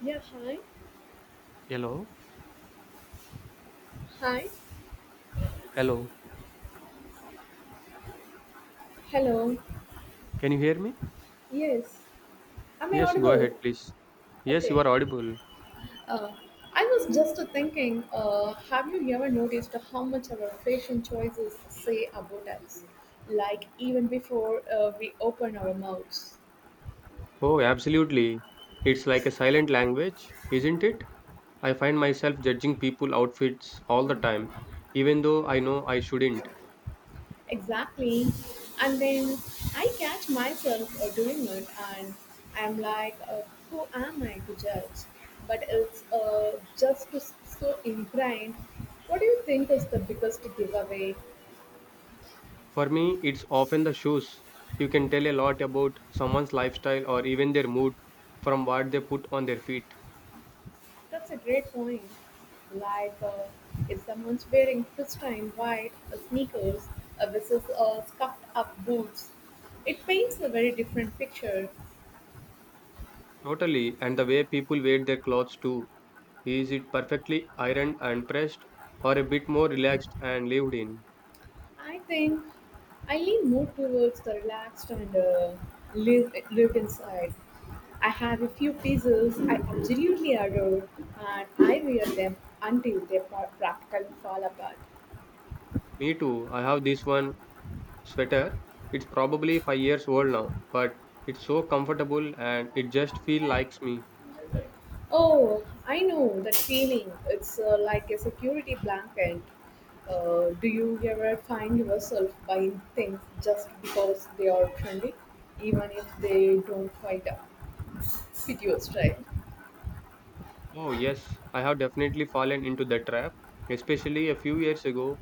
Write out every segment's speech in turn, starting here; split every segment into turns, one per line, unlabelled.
Yeah, hi.
Hello?
Hi.
Hello?
Hello.
Can you hear me?
Yes. Am I
Yes, go
audible?
ahead, please. Yes, you
Okay.
are audible.
Uh, I was just thinking, have you ever noticed how much our fashion choices say about us? Like, even before we open our mouths.
Oh, absolutely. It's like a silent language, isn't it? I find myself judging people outfits all the time, even though I know I shouldn't.
Exactly. And then I catch myself doing it, and I'm like, who am I to judge? But it's just so ingrained. What do you think is the biggest giveaway?
For me, it's often the shoes. You can tell a lot about someone's lifestyle or even their mood from what they put on their feet.
That's a great point. Like, if someone's wearing pristine white sneakers versus scuffed up boots, it paints a very different picture.
Totally, and the way people wear their clothes too. Is it perfectly ironed and pressed, or a bit more relaxed and lived in?
I think I lean more towards the relaxed and lived inside. I have a few pieces I absolutely adore, and I wear them until they practically fall apart.
Me too. I have this one sweater. It's probably 5 years old now, but it's so comfortable and it just feels likes me.
Oh, I know that feeling. It's like a security blanket. Do you ever find yourself buying things just because they are trendy, even if they don't quite fit your style?
Oh yes, I have definitely fallen into that trap, especially a few years ago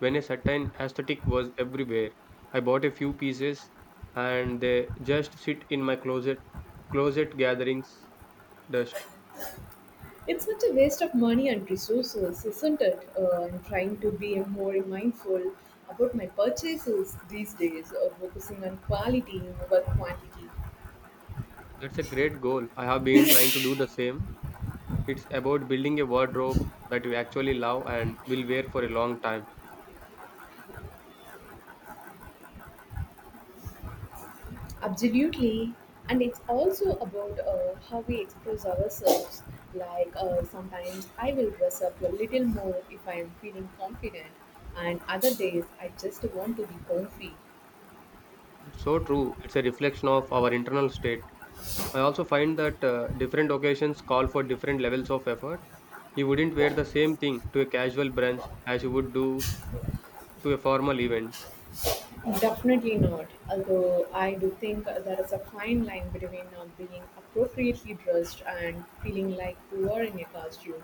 when a certain aesthetic was everywhere. I bought a few pieces and they just sit in my closet gatherings dust.
It's such a waste of money and resources, isn't it? I'm trying to be more mindful about my purchases these days, focusing on quality over quantity.
That's a great goal. I have been trying to do the same. It's about building a wardrobe that you actually love and will wear for a long time.
Absolutely. And it's also about how we express ourselves. Like sometimes I will dress up a little more if I am feeling confident, and other days I just want to be comfy.
It's so true. It's a reflection of our internal state. I also find that different occasions call for different levels of effort. You wouldn't wear the same thing to a casual brunch as you would do to a formal event.
Definitely not. Although I do think there is a fine line between being appropriately dressed and feeling like you are in a costume.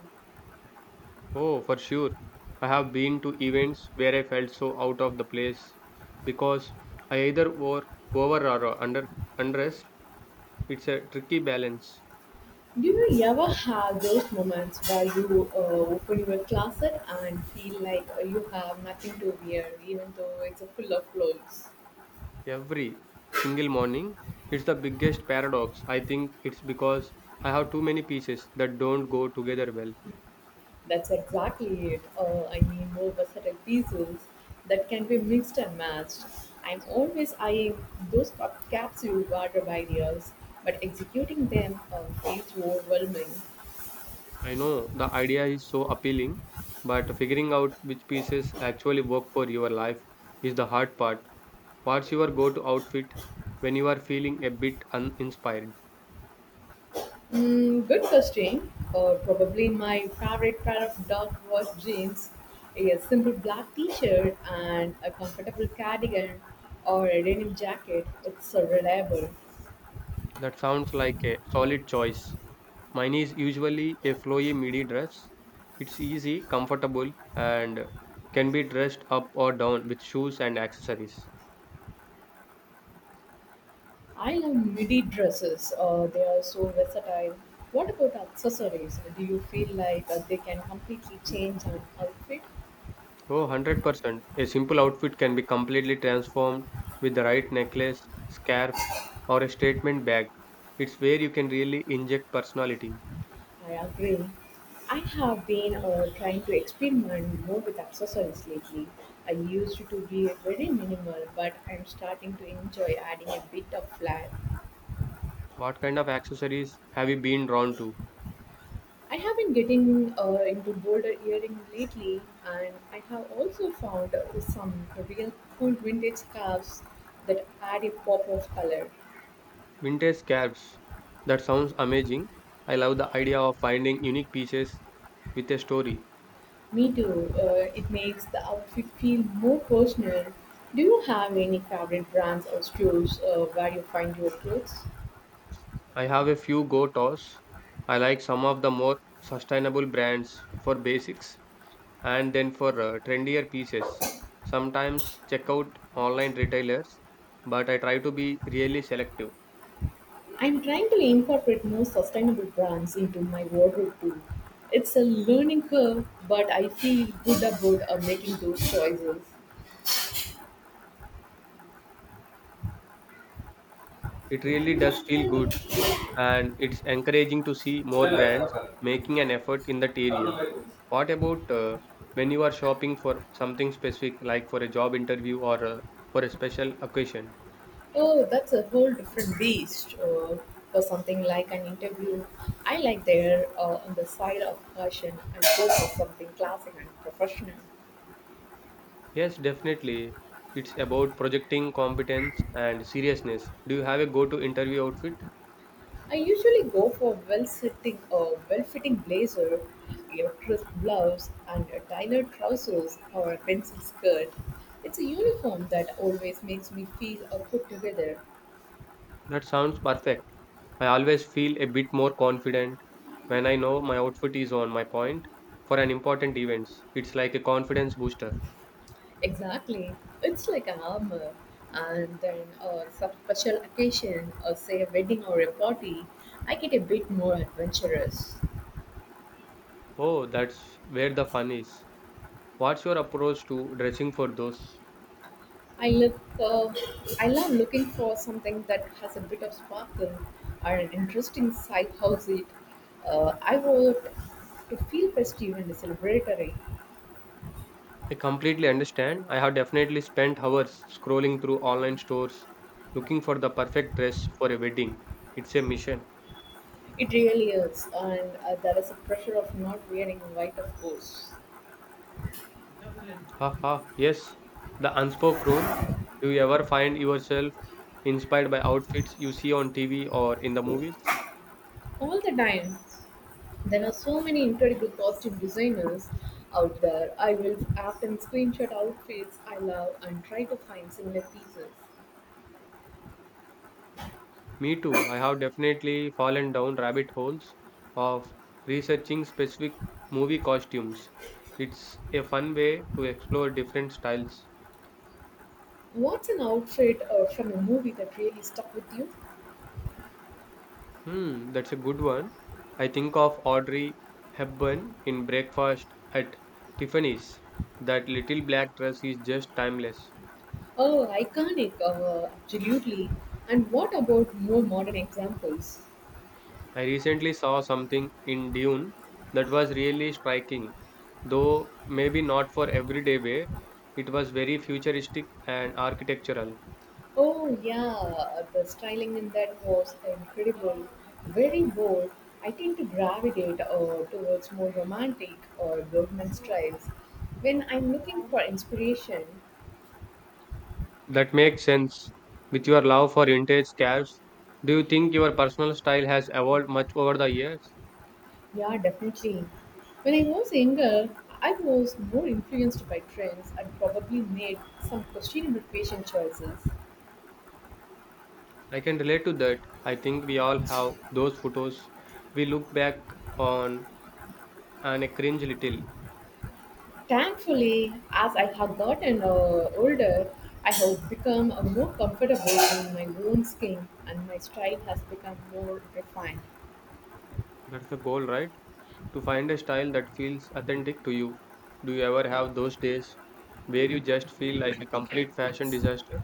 Oh, for sure. I have been to events where I felt so out of the place because I either wore over or under undressed. It's a tricky balance.
Do you ever have those moments where you open your closet and feel like you have nothing to wear, even though it's full of clothes?
Every single morning, it's the biggest paradox. I think it's because I have too many pieces that don't go together well.
That's exactly it. I mean, more versatile pieces that can be mixed and matched. I'm always eyeing those capsule wardrobe ideas, but executing them feels overwhelming.
I know the idea is so appealing, but figuring out which pieces actually work for your life is the hard part. What's your go to outfit when you are feeling a bit uninspired?
Mm, good question. Probably my favorite pair of dark wash jeans, a simple black t-shirt, and a comfortable cardigan or a denim jacket. It's reliable.
That sounds like a solid choice. Mine is usually a flowy midi dress. It's easy, comfortable, and can be dressed up or down with shoes and accessories.
I love midi dresses. They are so versatile. What about accessories? Do you feel like they can completely change an outfit?
Oh, 100%. A simple outfit can be completely transformed with the right necklace, scarf, or a statement bag. It's where you can really inject personality.
I agree. I have been trying to experiment more with accessories lately. I used to be very minimal, but I'm starting to enjoy adding a bit of flair.
What kind of accessories have you been drawn to?
I have been getting into bolder earring lately, and I have also found some real cool vintage scarves that add a pop of color.
Vintage scarves. That sounds amazing. I love the idea of finding unique pieces with a story.
Me too. It makes the outfit feel more personal. Do you have any favorite brands or stores where you find your clothes?
I have a few go-tos. I like some of the more sustainable brands for basics, and then for trendier pieces, sometimes check out online retailers, but I try to be really selective.
I'm trying to incorporate more sustainable brands into my wardrobe too. It's a learning curve, but I feel good about making those choices.
It really does feel good, and it's encouraging to see more brands making an effort in that area. What about when you are shopping for something specific, like for a job interview or for a special occasion?
Oh, that's a whole different beast for something like an interview. I like there on the side of fashion and go for something classic and professional.
Yes, definitely. It's about projecting competence and seriousness. Do you have a go to interview outfit?
I usually go for well-sitting, well-fitting blazer, a crisp gloves, and a tailored trousers or a pencil skirt. It's a uniform that always makes me feel put together.
That sounds perfect. I always feel a bit more confident when I know my outfit is on my point for an important event. It's like a confidence booster.
Exactly, it's like an armor. And then some special occasion, or say a wedding or a party, I get a bit more adventurous.
Oh, that's where the fun is. What's your approach to dressing for those?
I look, I love looking for something that has a bit of sparkle or an interesting side hustle. I want to feel festive and celebratory.
I completely understand. I have definitely spent hours scrolling through online stores looking for the perfect dress for a wedding. It's a mission.
It really is, and there is a pressure of not wearing white, of course,
Haha, yes. The unspoken rule. Do you ever find yourself inspired by outfits you see on TV or in the movies?
all the time. There are so many incredible costume designers out there. I will often screenshot outfits I love and try to find similar pieces.
Me too. I have definitely fallen down rabbit holes of researching specific movie costumes. It's a fun way to explore different styles.
What's an outfit from a movie that really stuck with you?
Hmm, that's a good one. I think of Audrey Hepburn in Breakfast at Tiffany's. That little black dress is just timeless.
Oh, iconic, absolutely. And what about more modern examples?
I recently saw something in Dune that was really striking, though maybe not for everyday wear. It was very futuristic and architectural.
Oh, yeah, the styling in that was incredible, very bold. I tend to gravitate towards more romantic or Bergman styles. When I'm looking for inspiration,
That makes sense. With your love for vintage cars, do you think your personal style has evolved much over the years?
yeah, definitely. When I was younger, I was more influenced by trends and probably made some questionable fashion choices.
I can relate to that. I think we all have those photos we look back on and a cringe little.
Thankfully, as I have gotten older, I have become more comfortable in my own skin and my style has become more refined.
That's the goal, right? To find a style that feels authentic to you. Do you ever have those days where you just feel like a complete fashion disaster?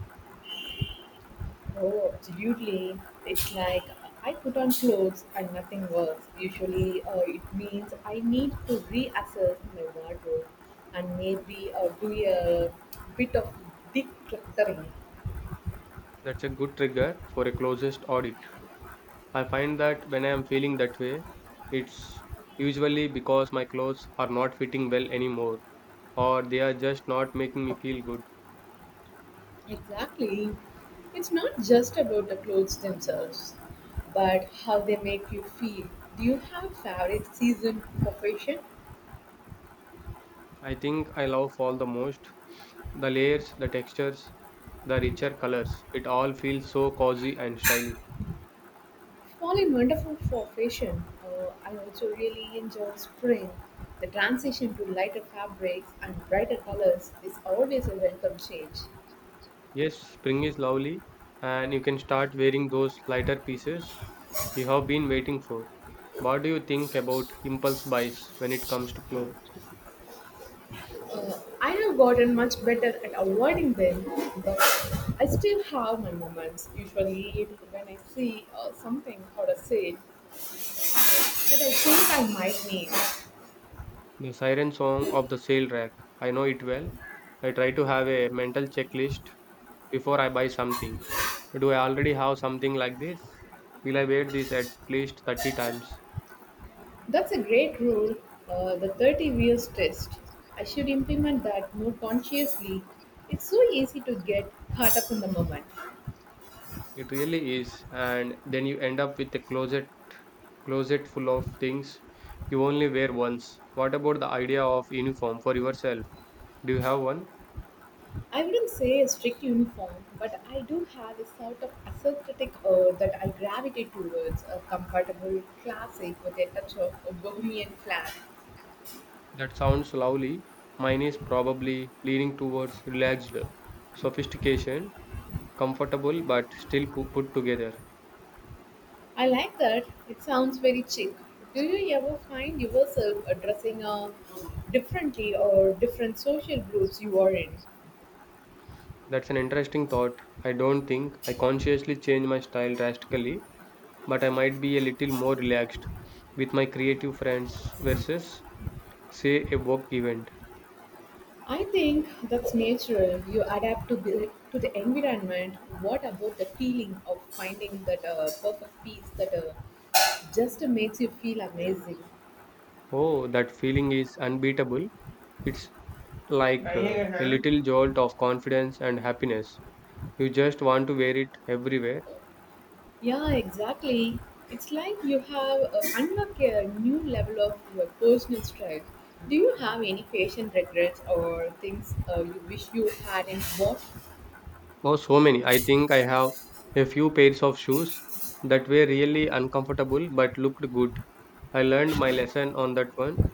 Oh, absolutely. It's like I put on clothes and nothing works. Usually, it means I need to reassess my wardrobe and maybe do a bit of decluttering.
That's a good trigger for a closest audit. I find that when I am feeling that way, it's usually because my clothes are not fitting well anymore or they are just not making me feel good.
Exactly. It's not just about the clothes themselves, but how they make you feel. Do you have favorite season for fashion?
I think I love fall the most. The layers, the textures, the richer colors. It all feels so cozy and stylish.
Fall is wonderful for fashion. I also really enjoy spring. The transition to lighter fabrics and brighter colors is always a welcome change.
Yes, spring is lovely and you can start wearing those lighter pieces you have been waiting for. What do you think about impulse buys when it comes to clothes?
I have gotten much better at avoiding them, but I still have my moments. Usually, when I see something or a sale that I think I might need.
The siren song of the sale rack. I know it well. I try to have a mental checklist before I buy something. Do I already have something like this? Will I wear this at least 30 times?
That's a great rule, the 30 views test. I should implement that more consciously. It's so easy to get caught up in the moment.
It really is. And then you end up with a closet full of things you only wear once. What about the idea of uniform for yourself? Do you have one?
I wouldn't say a strict uniform, but I do have a sort of aesthetic that I gravitate towards a comfortable classic with a touch of a bohemian flair.
That sounds lovely. Mine is probably leaning towards relaxed, sophistication, comfortable but still put together.
I like that. It sounds very chic. Do you ever find yourself addressing differently or different social groups you are in?
That's an interesting thought. I don't think I consciously change my style drastically, but I might be a little more relaxed with my creative friends versus, say, a work event.
I think that's natural. You adapt to the environment. What about the feeling of finding that perfect piece that just makes you feel amazing?
Oh, that feeling is unbeatable. It's like a little jolt of confidence and happiness. You just want to wear it everywhere.
Yeah, exactly. It's like you have unlocked a new level of your personal style. Do you have any fashion regrets or things you wish you hadn't bought?
Oh, so many. I think I have a few pairs of shoes that were really uncomfortable but looked good. I learned my lesson on that one.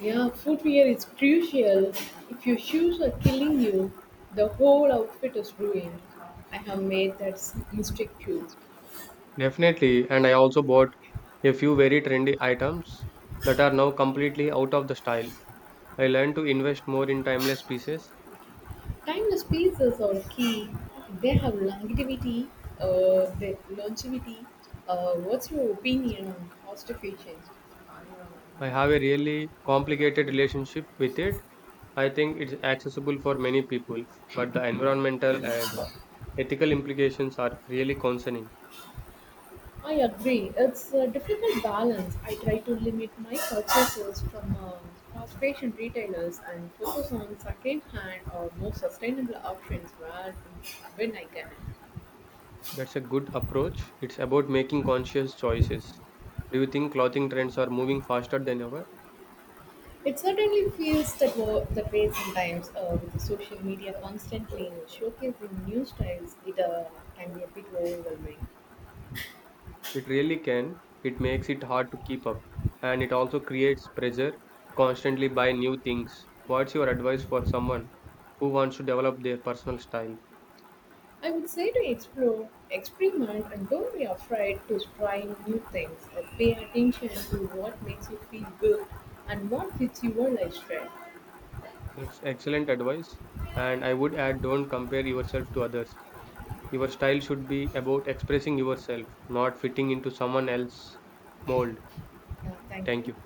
Yeah, footwear is crucial. If your shoes are killing you, the whole outfit is ruined. I have made that mistake too.
Definitely, and I also bought a few very trendy items that are now completely out of the style. I learned to invest more in timeless pieces.
Timeless pieces are key. They have longevity. Longevity. What's your opinion on fast fashion?
I have a really complicated relationship with it. I think it's accessible for many people, but the environmental and ethical implications are really concerning.
I agree. It's a difficult balance. I try to limit my purchases from fast fashion retailers and focus on second-hand or more sustainable options where when I can.
That's a good approach. It's about making conscious choices. Do you think clothing trends are moving faster than ever?
It certainly feels that that way sometimes, with the social media constantly showcasing new styles, it can be a bit overwhelming.
It really can. It makes it hard to keep up. And it also creates pressure to constantly buy new things. What's your advice for someone who wants to develop their personal style?
I would say to explore, experiment, and don't be afraid to try new things. Pay attention to what makes you feel good and what fits your lifestyle.
That's excellent advice. And I would add don't compare yourself to others. Your style should be about expressing yourself, not fitting into someone else's mold.
Yeah, thank
Thank
you.
you.